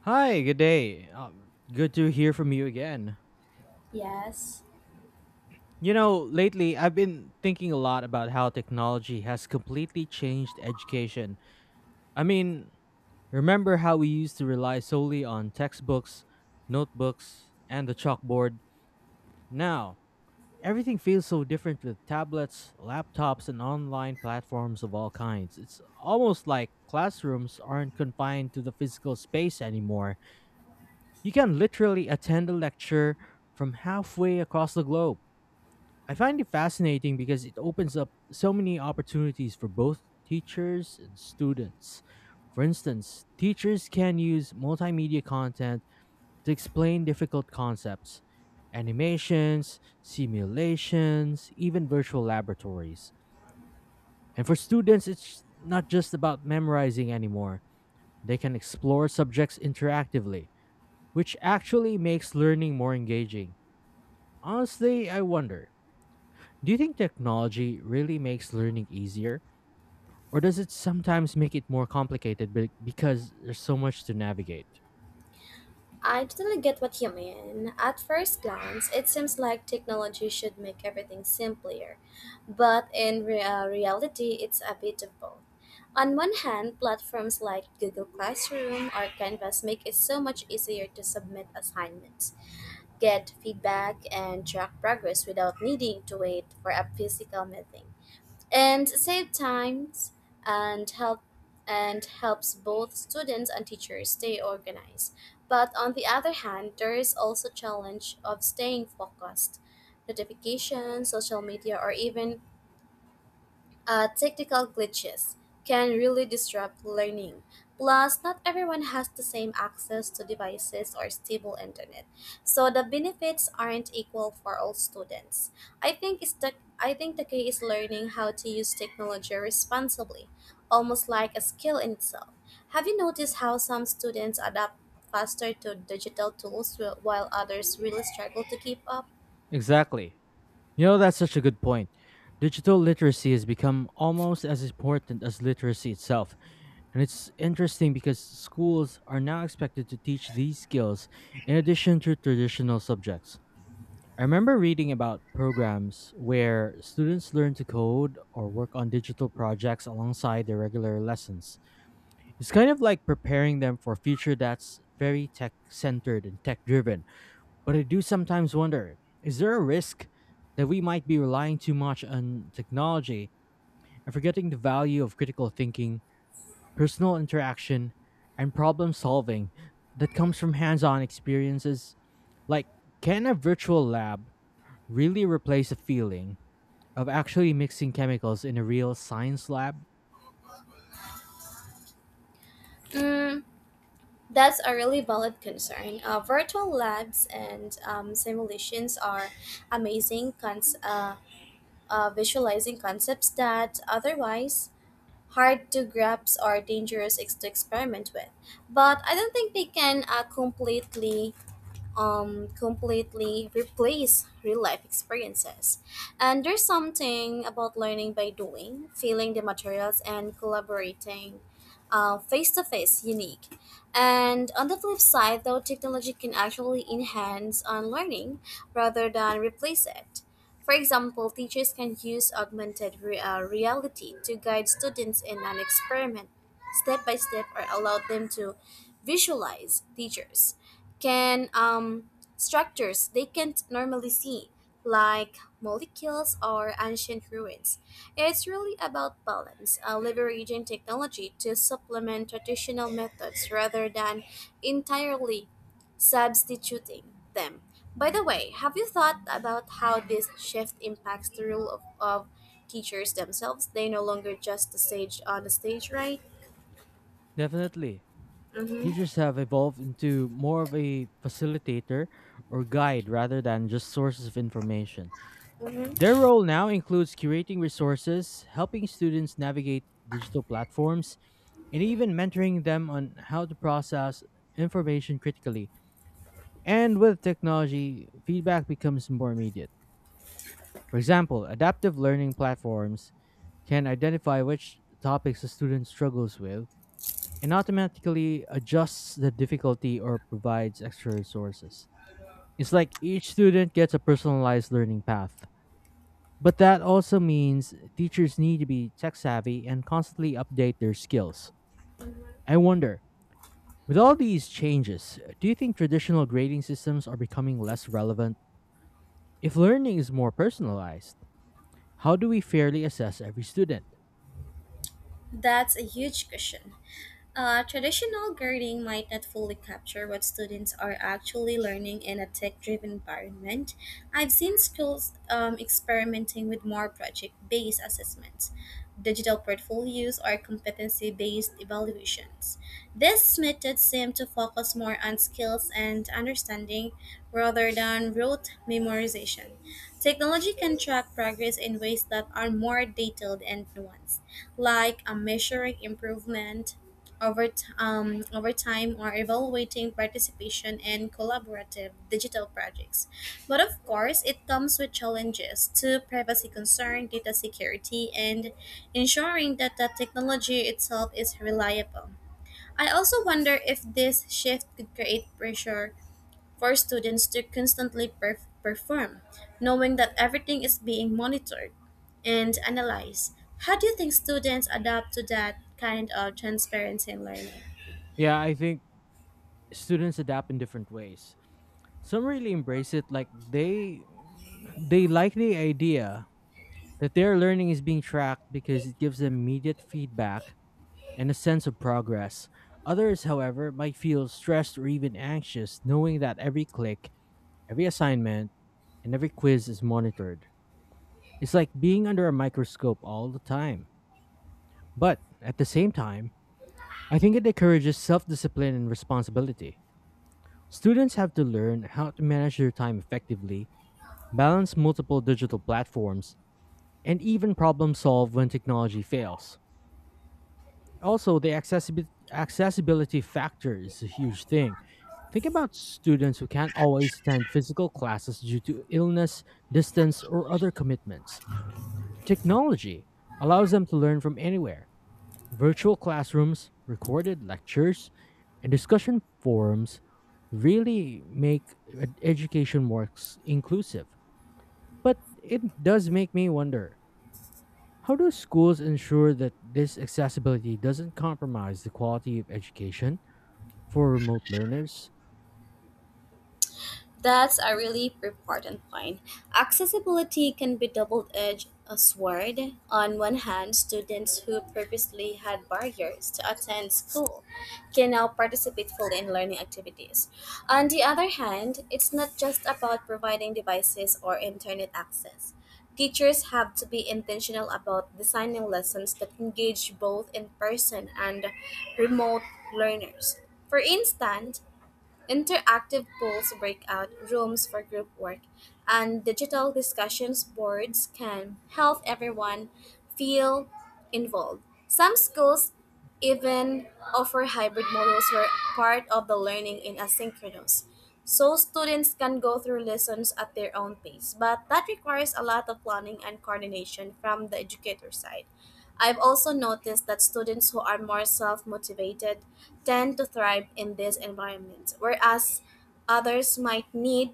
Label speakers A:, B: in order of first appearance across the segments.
A: Hi, good day. Good to hear from you again.
B: Yes,
A: Lately I've been thinking a lot about how technology has completely changed education. I mean, remember how we used to rely solely on textbooks, notebooks, and the chalkboard? Now, everything feels so different with tablets, laptops, and online platforms of all kinds. It's almost like classrooms aren't confined to the physical space anymore. You can literally attend a lecture from halfway across the globe. I find it fascinating because it opens up so many opportunities for both teachers and students. For instance, teachers can use multimedia content to explain difficult concepts, animations, simulations, even virtual laboratories. And for students, it's not just about memorizing anymore. They can explore subjects interactively, which actually makes learning more engaging. Honestly, I wonder, do you think technology really makes learning easier? Or does it sometimes make it more complicated because there's so much to navigate?
B: I totally get what you mean. At first glance, it seems like technology should make everything simpler, but in reality, it's a bit of both. On one hand, platforms like Google Classroom or Canvas make it so much easier to submit assignments, get feedback, and track progress without needing to wait for a physical meeting. And save times and help and helps both students and teachers stay organized. But on the other hand, there is also challenge of staying focused. Notifications, social media, or even technical glitches can really disrupt learning. Plus, not everyone has the same access to devices or stable internet, so the benefits aren't equal for all students. I think it's the I think the key is learning how to use technology responsibly, almost like a skill in itself. Have you noticed how some students adapt faster to digital tools while others really struggle to keep up?
A: Exactly. That's such a good point. Digital literacy has become almost as important as literacy itself. And it's interesting because schools are now expected to teach these skills in addition to traditional subjects. I remember reading about programs where students learn to code or work on digital projects alongside their regular lessons. It's kind of like preparing them for a future that's very tech centered and tech driven. But I do sometimes wonder, is there a risk that we might be relying too much on technology and forgetting the value of critical thinking, personal interaction, and problem solving that comes from hands on experiences? Like, can a virtual lab really replace a feeling of actually mixing chemicals in a real science lab?
B: Mm, That's a really valid concern. Virtual labs and simulations are amazing visualizing concepts that otherwise hard to grasp or dangerous to experiment with. But I don't think they can completely replace real life experiences. And there's something about learning by doing, feeling the materials, and collaborating face to face unique. And on the flip side, though, technology can actually enhance on learning rather than replace it. For example, teachers can use augmented reality to guide students in an experiment step by step or allow them to visualize teachers can structures they can't normally see, like molecules or ancient ruins. It's really about balance, leveraging technology to supplement traditional methods rather than entirely substituting them. By the way, have you thought about how this shift impacts the role of teachers themselves? They no longer just the stage on the stage, right?
A: Definitely.
B: Mm-hmm.
A: Teachers have evolved into more of a facilitator or guide rather than just sources of information. Their
B: Mm-hmm.
A: role now includes curating resources, helping students navigate digital platforms, and even mentoring them on how to process information critically. And with technology, feedback becomes more immediate. For example, adaptive learning platforms can identify which topics a student struggles with and automatically adjusts the difficulty or provides extra resources. It's like each student gets a personalized learning path. But that also means teachers need to be tech savvy and constantly update their skills. I wonder, with all these changes, do you think traditional grading systems are becoming less relevant? If learning is more personalized, how do we fairly assess every student?
B: That's a huge question. Traditional grading might not fully capture what students are actually learning in a tech driven environment. I've seen schools experimenting with more project based assessments, digital portfolios, or competency based evaluations. These methods seem to focus more on skills and understanding rather than rote memorization. Technology can track progress in ways that are more detailed and nuanced, like a measuring improvement over time are evaluating participation and collaborative digital projects. But of course, it comes with challenges to privacy concern, data security, and ensuring that the technology itself is reliable. I also wonder if this shift could create pressure for students to constantly perform, knowing that everything is being monitored and analyzed. How do you think students adapt to that kind of transparency in learning?
A: Yeah, I think students adapt in different ways. Some really embrace it, like they like the idea that their learning is being tracked because it gives them immediate feedback and a sense of progress. Others, however, might feel stressed or even anxious knowing that every click, every assignment, and every quiz is monitored. It's like being under a microscope all the time. But at the same time, I think it encourages self discipline and responsibility. Students have to learn how to manage their time effectively, balance multiple digital platforms, and even problem solve when technology fails. Also, the accessibility factor is a huge thing. Think about students who can't always attend physical classes due to illness, distance, or other commitments. Technology allows them to learn from anywhere. Virtual classrooms, recorded lectures, and discussion forums really make education more inclusive. But it does make me wonder, how do schools ensure that this accessibility doesn't compromise the quality of education for remote learners?
B: That's a really important point. Accessibility can be double-edged a sword. On one hand, students who previously had barriers to attend school can now participate fully in learning activities. On the other hand, it's not just about providing devices or internet access. Teachers have to be intentional about designing lessons that engage both in person and remote learners. For instance, interactive polls, breakout rooms for group work, and digital discussions boards can help everyone feel involved. Some schools even offer hybrid models where part of the learning in asynchronous. So students can go through lessons at their own pace, but that requires a lot of planning and coordination from the educator side. I've also noticed that students who are more self motivated tend to thrive in this environment, whereas others might need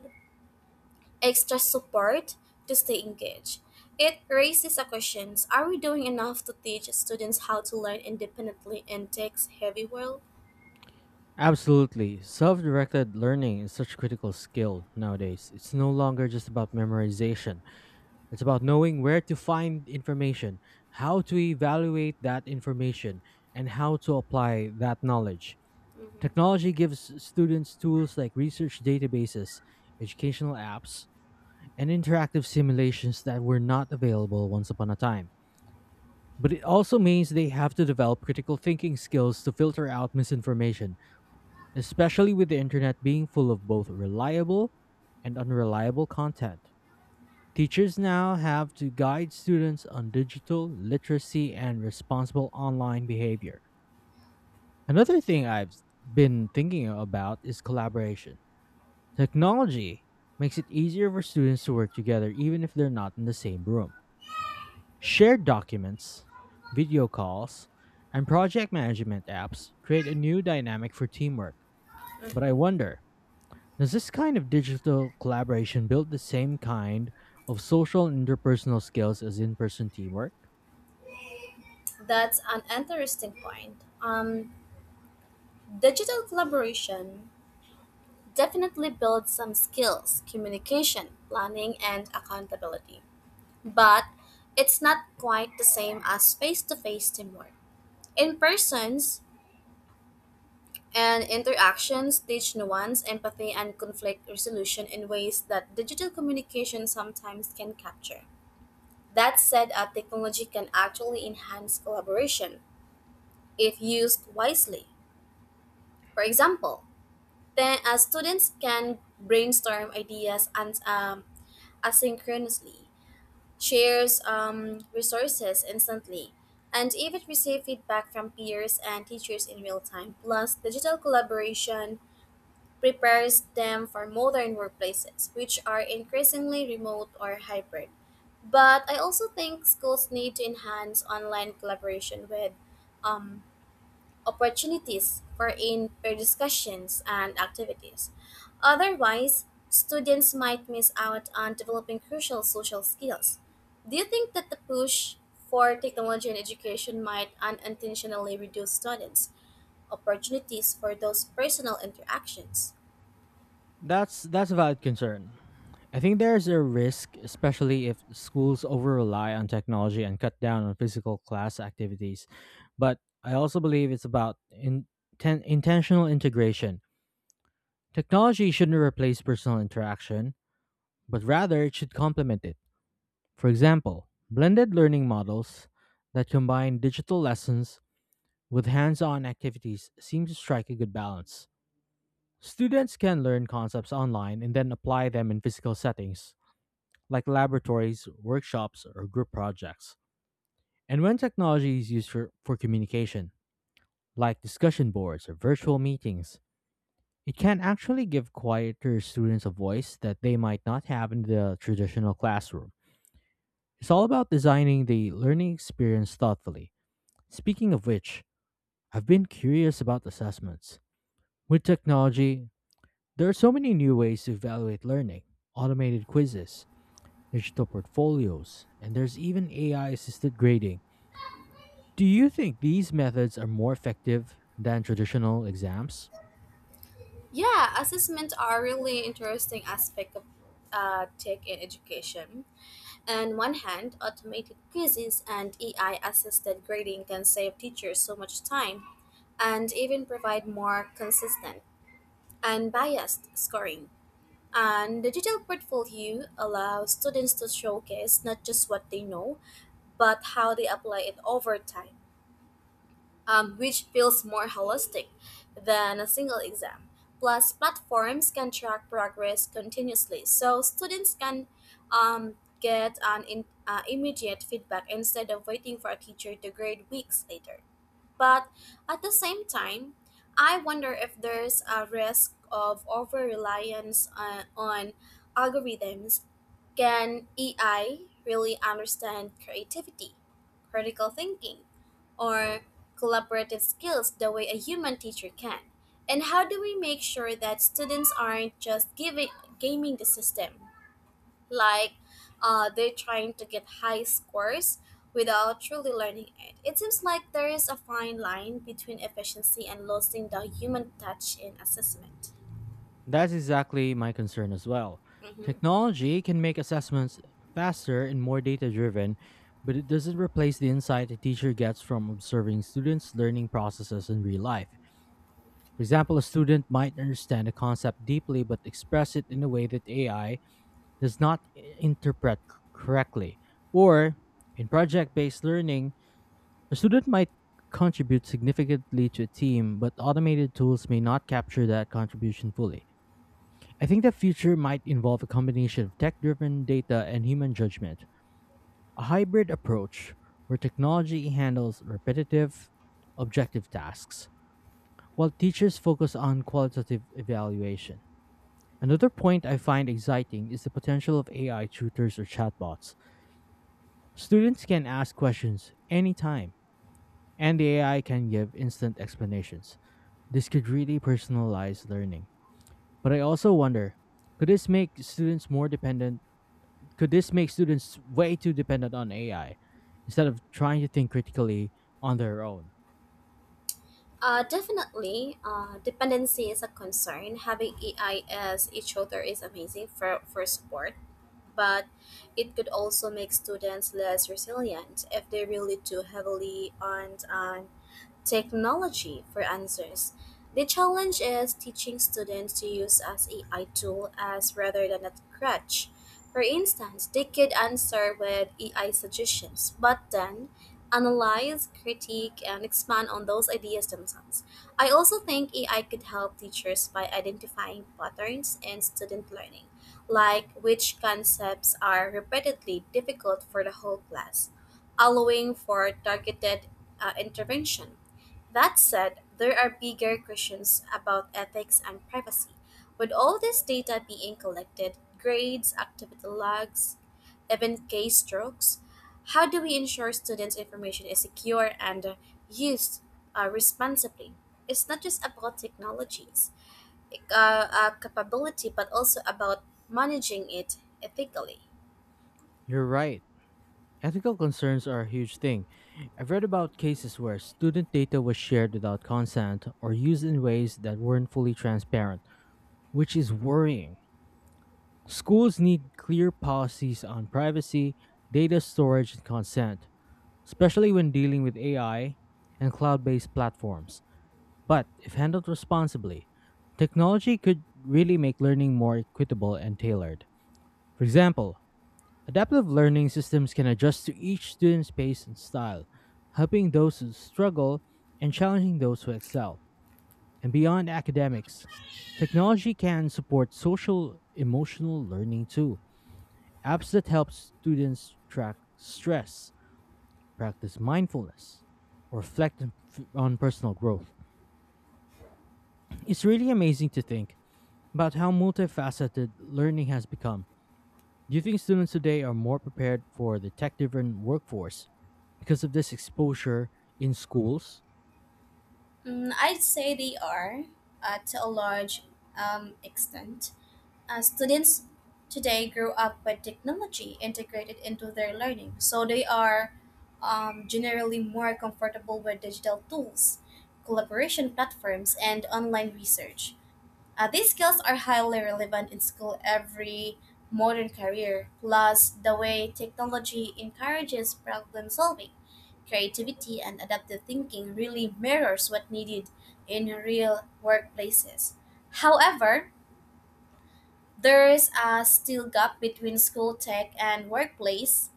B: extra support to stay engaged. It raises a question. Are we doing enough to teach students how to learn independently in tech's heavy world?
A: Absolutely. Self directed learning is such a critical skill nowadays. It's no longer just about memorization, it's about knowing where to find information, how to evaluate that information, and how to apply that knowledge. Technology gives students tools like research databases, educational apps, and interactive simulations that were not available once upon a time. But it also means they have to develop critical thinking skills to filter out misinformation, especially with the internet being full of both reliable and unreliable content. Teachers now have to guide students on digital literacy and responsible online behavior. Another thing I've been thinking about is collaboration. Technology makes it easier for students to work together even if they're not in the same room. Shared documents, video calls, and project management apps create a new dynamic for teamwork. But I wonder, does this kind of digital collaboration build the same kind of social and interpersonal skills as in-person teamwork?
B: That's an interesting point. Digital collaboration definitely builds some skills communication, planning, and accountability. But it's not quite the same as face-to-face teamwork. In persons and interactions teach nuance, empathy, and conflict resolution in ways that digital communication sometimes can capture. That said, a technology can actually enhance collaboration if used wisely. For example, students can brainstorm ideas and asynchronously shares resources instantly, and even receive feedback from peers and teachers in real time. Plus, digital collaboration prepares them for modern workplaces, which are increasingly remote or hybrid. But I also think schools need to enhance online collaboration with um, opportunities for in-pair discussions and activities. Otherwise, students might miss out on developing crucial social skills. Do you think that the push for technology in education might unintentionally reduce students' opportunities for those personal interactions?
A: That's a valid concern. I think there's a risk, especially if schools over rely on technology and cut down on physical class activities. But I also believe it's about intentional integration. Technology shouldn't replace personal interaction, but rather it should complement it. For example, blended learning models that combine digital lessons with hands on activities seem to strike a good balance. Students can learn concepts online and then apply them in physical settings, like laboratories, workshops, or group projects. And when technology is used for communication, like discussion boards or virtual meetings, it can actually give quieter students a voice that they might not have in the traditional classroom. It's all about designing the learning experience thoughtfully. Speaking of which, I've been curious about assessments. With technology, there are so many new ways to evaluate learning: automated quizzes, digital portfolios, and there's even AI assisted grading. Do you think these methods are more effective than traditional exams?
B: Yeah, assessments are really interesting aspect of tech in education. On one hand, automated quizzes and AI assisted grading can save teachers so much time and even provide more consistent and biased scoring. And the digital portfolio allows students to showcase not just what they know, but how they apply it over time which feels more holistic than a single exam. Plus, platforms can track progress continuously, so students can um, get an immediate feedback instead of waiting for a teacher to grade weeks later. But at the same time, I wonder if there's a risk of over reliance on algorithms. Can AI really understand creativity, critical thinking, or collaborative skills the way a human teacher can? And how do we make sure that students aren't just gaming the system? Like they're trying to get high scores without truly learning it. It seems like there is a fine line between efficiency and losing the human touch in assessment.
A: That's exactly my concern as well.
B: Mm-hmm.
A: Technology can make assessments faster and more data driven, but it doesn't replace the insight a teacher gets from observing students' learning processes in real life. For example, a student might understand a concept deeply but express it in a way that AI does not interpret correctly. Or, in project based learning, a student might contribute significantly to a team, but automated tools may not capture that contribution fully. I think the future might involve a combination of tech driven data and human judgment, a hybrid approach where technology handles repetitive, objective tasks, while teachers focus on qualitative evaluation. Another point I find exciting is the potential of AI tutors or chatbots. Students can ask questions anytime, and the AI can give instant explanations. This could really personalize learning. But I also wonder, could this make students more dependent? Could this make students way too dependent on AI instead of trying to think critically on their own?
B: Definitely, dependency is a concern. Having AI as each other is amazing for support but it could also make students less resilient if they rely too heavily on technology for answers. The challenge is teaching students to use as AI tool as rather than a crutch. For instance, they could answer with AI suggestions, but then analyze, critique, and expand on those ideas themselves. I also think AI could help teachers by identifying patterns in student learning like which concepts are repeatedly difficult for the whole class, allowing for targeted intervention. That said, there are bigger questions about ethics and privacy. With all this data being collected, grades, activity logs, even case strokes, how do we ensure students' information is secure and used responsibly? It's not just about technologies capability, but also about managing it ethically?
A: You're right. Ethical concerns are a huge thing. I've read about cases where student data was shared without consent or used in ways that weren't fully transparent, which is worrying. Schools need clear policies on privacy, data storage, and consent, especially when dealing with AI and cloud based platforms. But if handled responsibly, technology could really make learning more equitable and tailored. For example, adaptive learning systems can adjust to each student's pace and style, helping those who struggle and challenging those who excel. And beyond academics, technology can support social emotional learning too. Apps that help students track stress, practice mindfulness, or reflect on personal growth. It's really amazing to think about how multifaceted learning has become. Do you think students today are more prepared for the tech driven workforce because of this exposure in schools?
B: I'd say they are, to a large extent. Students today grew up with technology integrated into their learning, so they are generally more comfortable with digital tools, collaboration platforms, and online research. These skills are highly relevant in school every modern career. Plus, the way technology encourages problem solving, creativity, and adaptive thinking really mirrors what needed in real workplaces. However, there is a still gap between school tech and workplace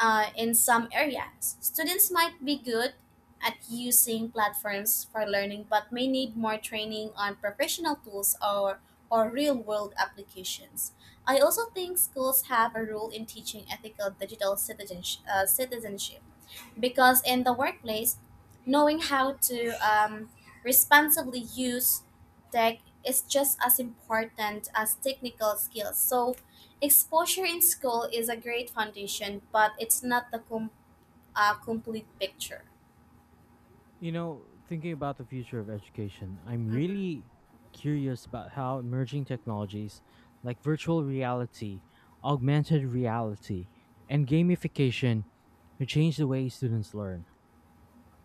B: in some areas, students might be good at using platforms for learning but may need more training on professional tools or real world applications. I also think schools have a role in teaching ethical digital citizenship. Citizenship because in the workplace, knowing how to responsibly use tech is just as important as technical skills. So, exposure in school is a great foundation, but it's not the complete picture.
A: You know, thinking about the future of education, I'm really curious about how emerging technologies like virtual reality, augmented reality, and gamification could change the way students learn.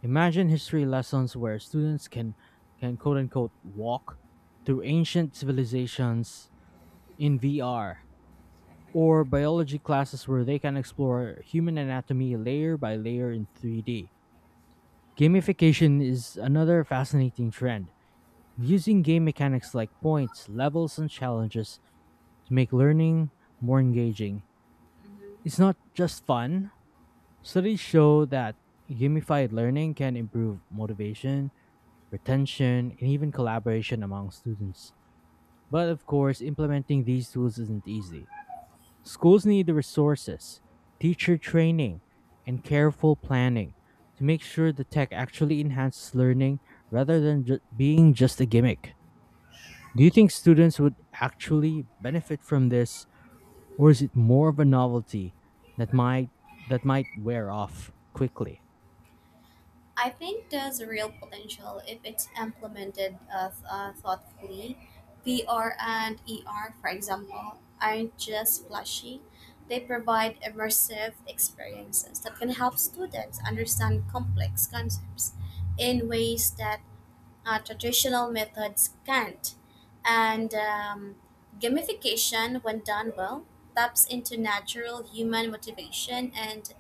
A: Imagine history lessons where students can quote unquote walk through ancient civilizations in VR, or biology classes where they can explore human anatomy layer by layer in 3D. Gamification is another fascinating trend, using game mechanics like points, levels, and challenges to make learning more engaging. It's not just fun. Studies show that gamified learning can improve motivation, retention, and even collaboration among students. But of course, implementing these tools isn't easy. Schools need the resources, teacher training, and careful planning to make sure the tech actually enhances learning rather than being just a gimmick. Do you think students would actually benefit from this, or is it more of a novelty that might wear off quickly?
B: I think there's real potential if it's implemented thoughtfully. VR and ER, for example, aren't just flashy. They provide immersive experiences that can help students understand complex concepts in ways that traditional methods can't. And gamification, when done well, taps into natural human motivation and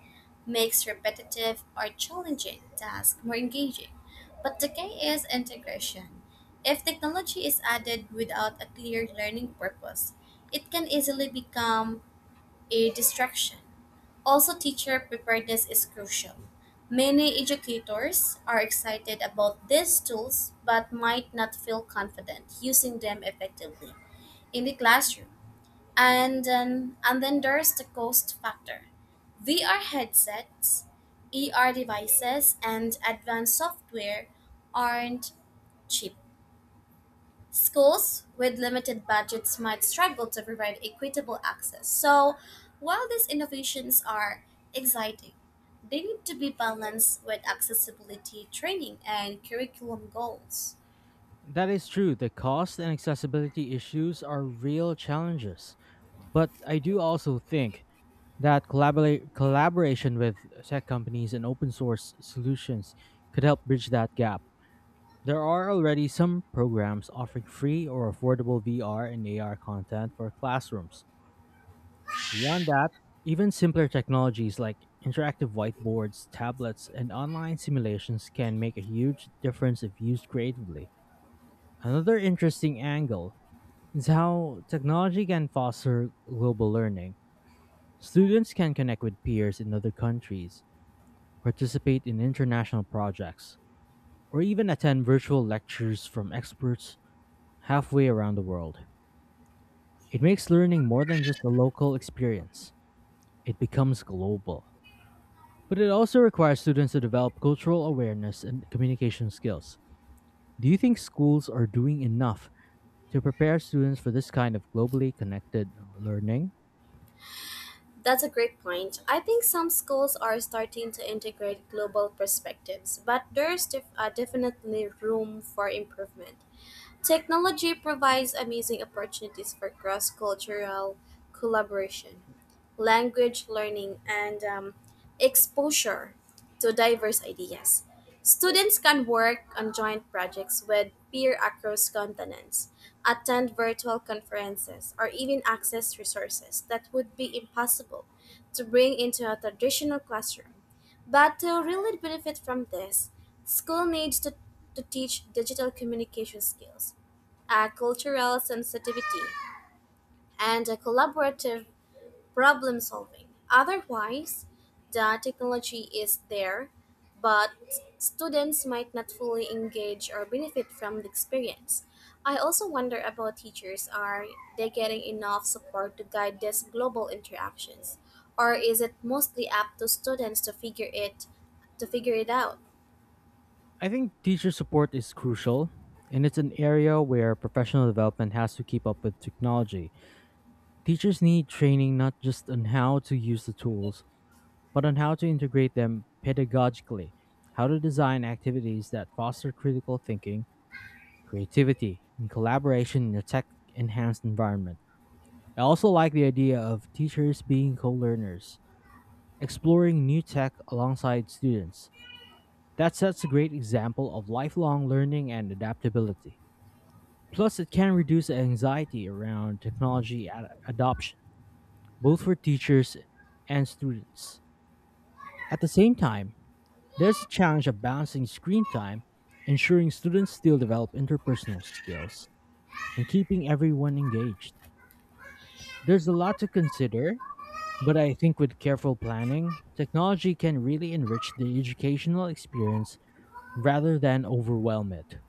B: makes repetitive or challenging tasks more engaging. But the key is integration. If technology is added without a clear learning purpose, it can easily become a distraction. Also, teacher preparedness is crucial. Many educators are excited about these tools but might not feel confident using them effectively in the classroom. And then there's the cost factor. VR headsets, ER devices, and advanced software aren't cheap. Schools with limited budgets might struggle to provide equitable access. So, while these innovations are exciting, they need to be balanced with accessibility training and curriculum goals.
A: That is true. The cost and accessibility issues are real challenges, but I do also think that collaboration with tech companies and open source solutions could help bridge that gap. There are already some programs offering free or affordable VR and AR content for classrooms. Beyond that, even simpler technologies like interactive whiteboards, tablets, and online simulations can make a huge difference if used creatively. Another interesting angle is how technology can foster global learning. Students can connect with peers in other countries, participate in international projects, or even attend virtual lectures from experts halfway around the world. It makes learning more than just a local experience, it becomes global. But it also requires students to develop cultural awareness and communication skills. Do you think schools are doing enough to prepare students for this kind of globally connected learning?
B: That's a great point. I think some schools are starting to integrate global perspectives, but there's definitely room for improvement. Technology provides amazing opportunities for cross cultural collaboration, language learning, and exposure to diverse ideas. Students can work on joint projects with peer across continents, attend virtual conferences, or even access resources that would be impossible to bring into a traditional classroom. But to really benefit from this, school needs to teach digital communication skills a cultural sensitivity, and a collaborative problem solving. Otherwise, the technology is there, but students might not fully engage or benefit from the experience. I also wonder about teachers are they getting enough support to guide these global interactions or is it mostly up to students to figure it out?
A: I think teacher support is crucial, and it's an area where professional development has to keep up with technology. Teachers need training not just on how to use the tools, but on how to integrate them pedagogically, how to design activities that foster critical thinking, creativity, and collaboration in a tech enhanced environment. I also like the idea of teachers being co learners, exploring new tech alongside students. That sets a great example of lifelong learning and adaptability. Plus, it can reduce anxiety around technology adoption, both for teachers and students. At the same time, there's a challenge of balancing screen time, ensuring students still develop interpersonal skills, and keeping everyone engaged. There's a lot to consider, but I think with careful planning, technology can really enrich the educational experience rather than overwhelm it.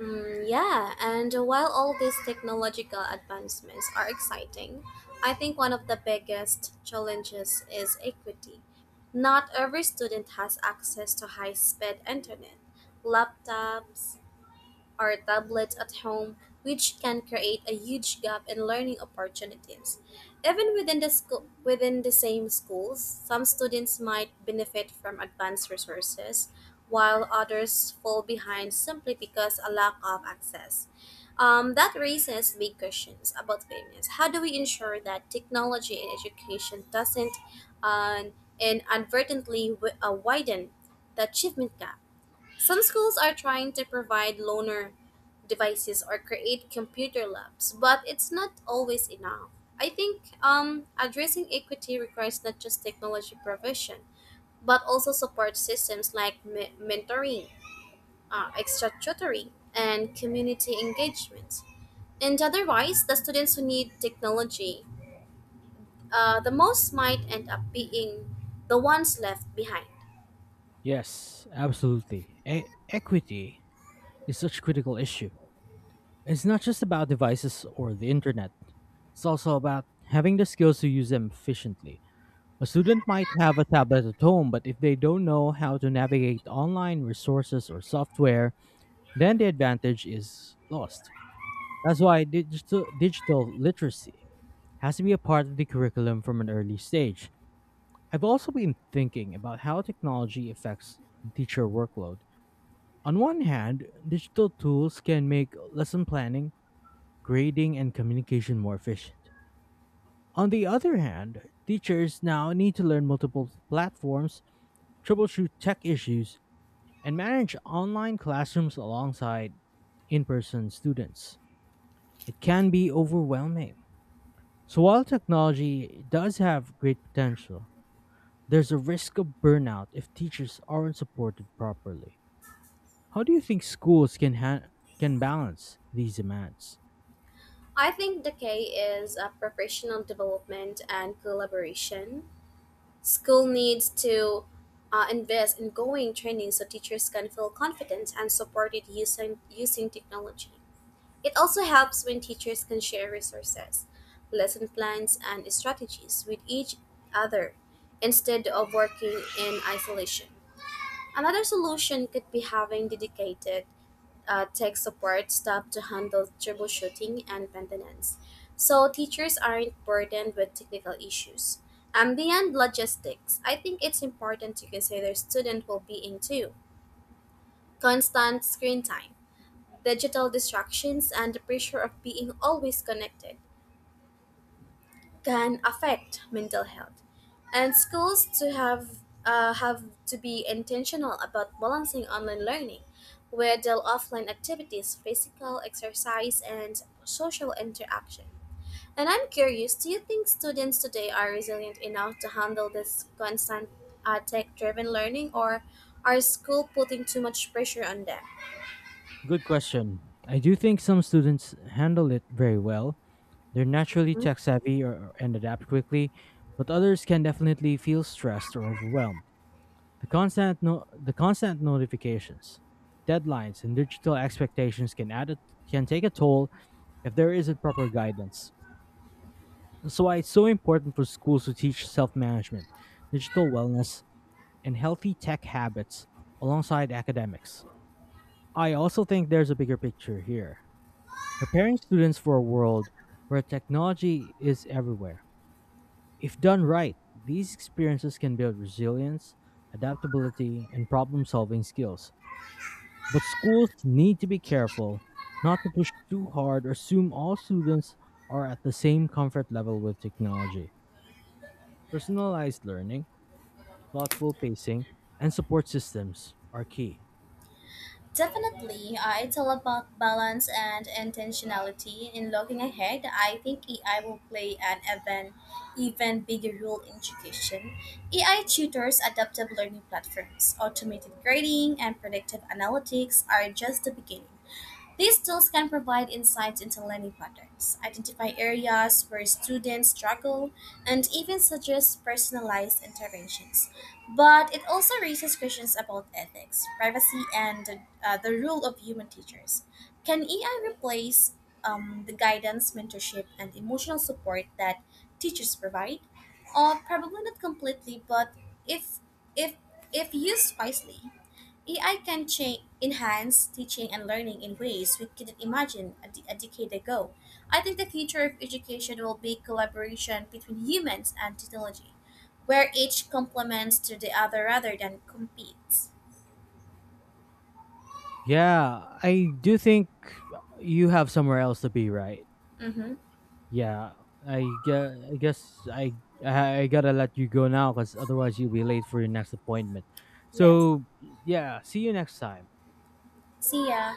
B: Yeah, and while all these technological advancements are exciting, I think one of the biggest challenges is equity. Not every student has access to high speed internet, laptops, or tablets at home, which can create a huge gap in learning opportunities. Even within the school, within the same schools, some students might benefit from advanced resources, while others fall behind simply because a lack of access. That raises big questions about fairness. How do we ensure that technology in education doesn't uh, inadvertently widen the achievement gap? Some schools are trying to provide loaner devices or create computer labs, but it's not always enough. I think addressing equity requires not just technology provision, but also support systems like mentoring, extra tutoring, and community engagement. And otherwise, the students who need technology the most might end up being the ones left behind.
A: Yes, absolutely. Equity is such a critical issue. It's not just about devices or the internet, it's also about having the skills to use them efficiently. A student might have a tablet at home, but if they don't know how to navigate online resources or software, then the advantage is lost. That's why digital literacy has to be a part of the curriculum from an early stage. I've also been thinking about how technology affects teacher workload. On one hand, digital tools can make lesson planning, grading, and communication more efficient. On the other hand, teachers now need to learn multiple platforms, troubleshoot tech issues, and manage online classrooms alongside in person students. It can be overwhelming. So, while technology does have great potential, there's a risk of burnout if teachers aren't supported properly. How do you think schools can balance these demands?
B: I think the key is a professional development and collaboration. School needs to invest in going training so teachers can feel confident and supported using technology. It also helps when teachers can share resources, lesson plans, and strategies with each other instead of working in isolation. Another solution could be having dedicated tech support staff to handle troubleshooting and maintenance, so teachers aren't burdened with technical issues. And beyond logistics, I think it's important to consider student well being too. Constant screen time, digital distractions, and the pressure of being always connected can affect mental health and schools to have to be intentional about balancing online learning with their offline activities physical exercise and social interaction and I'm curious do you think students today are resilient enough to handle this constant tech driven learning or are school putting too much pressure on them?
A: Good question. I do think some students handle it very well. They're naturally tech savvy or, and adapt quickly, but others can definitely feel stressed or overwhelmed. The constant notifications, deadlines, and digital expectations can can take a toll if there isn't proper guidance. That's why it's so important for schools to teach self-management, digital wellness, and healthy tech habits alongside academics. I also think there's a bigger picture here. Preparing students for a world where technology is everywhere. If done right, these experiences can build resilience, adaptability, and problem solving skills. But schools need to be careful not to push too hard or assume all students are at the same comfort level with technology. Personalized learning, thoughtful pacing, and support systems are key.
B: Definitely, it's all about balance and intentionality. In looking ahead, I think AI will play an even bigger role in education. AI tutors, adaptive learning platforms, automated grading, and predictive analytics are just the beginning. These tools can provide insights into learning patterns, identify areas where students struggle, and even suggest personalized interventions. But it also raises questions about ethics, privacy, and the role of human teachers. Can AI replace the guidance, mentorship, and emotional support that teachers provide? Probably not completely, but if if if used wisely, AI can enhance teaching and learning in ways we couldn't imagine a decade ago. I think the future of education will be collaboration between humans and technology, where each complements to the other rather than competes.
A: Yeah, I do think you have somewhere else to be, right?
B: Mm-hmm.
A: Yeah, I guess I gotta let you go now because otherwise you'll be late for your next appointment.
B: Yes.
A: So, yeah, see you next time.
B: See ya.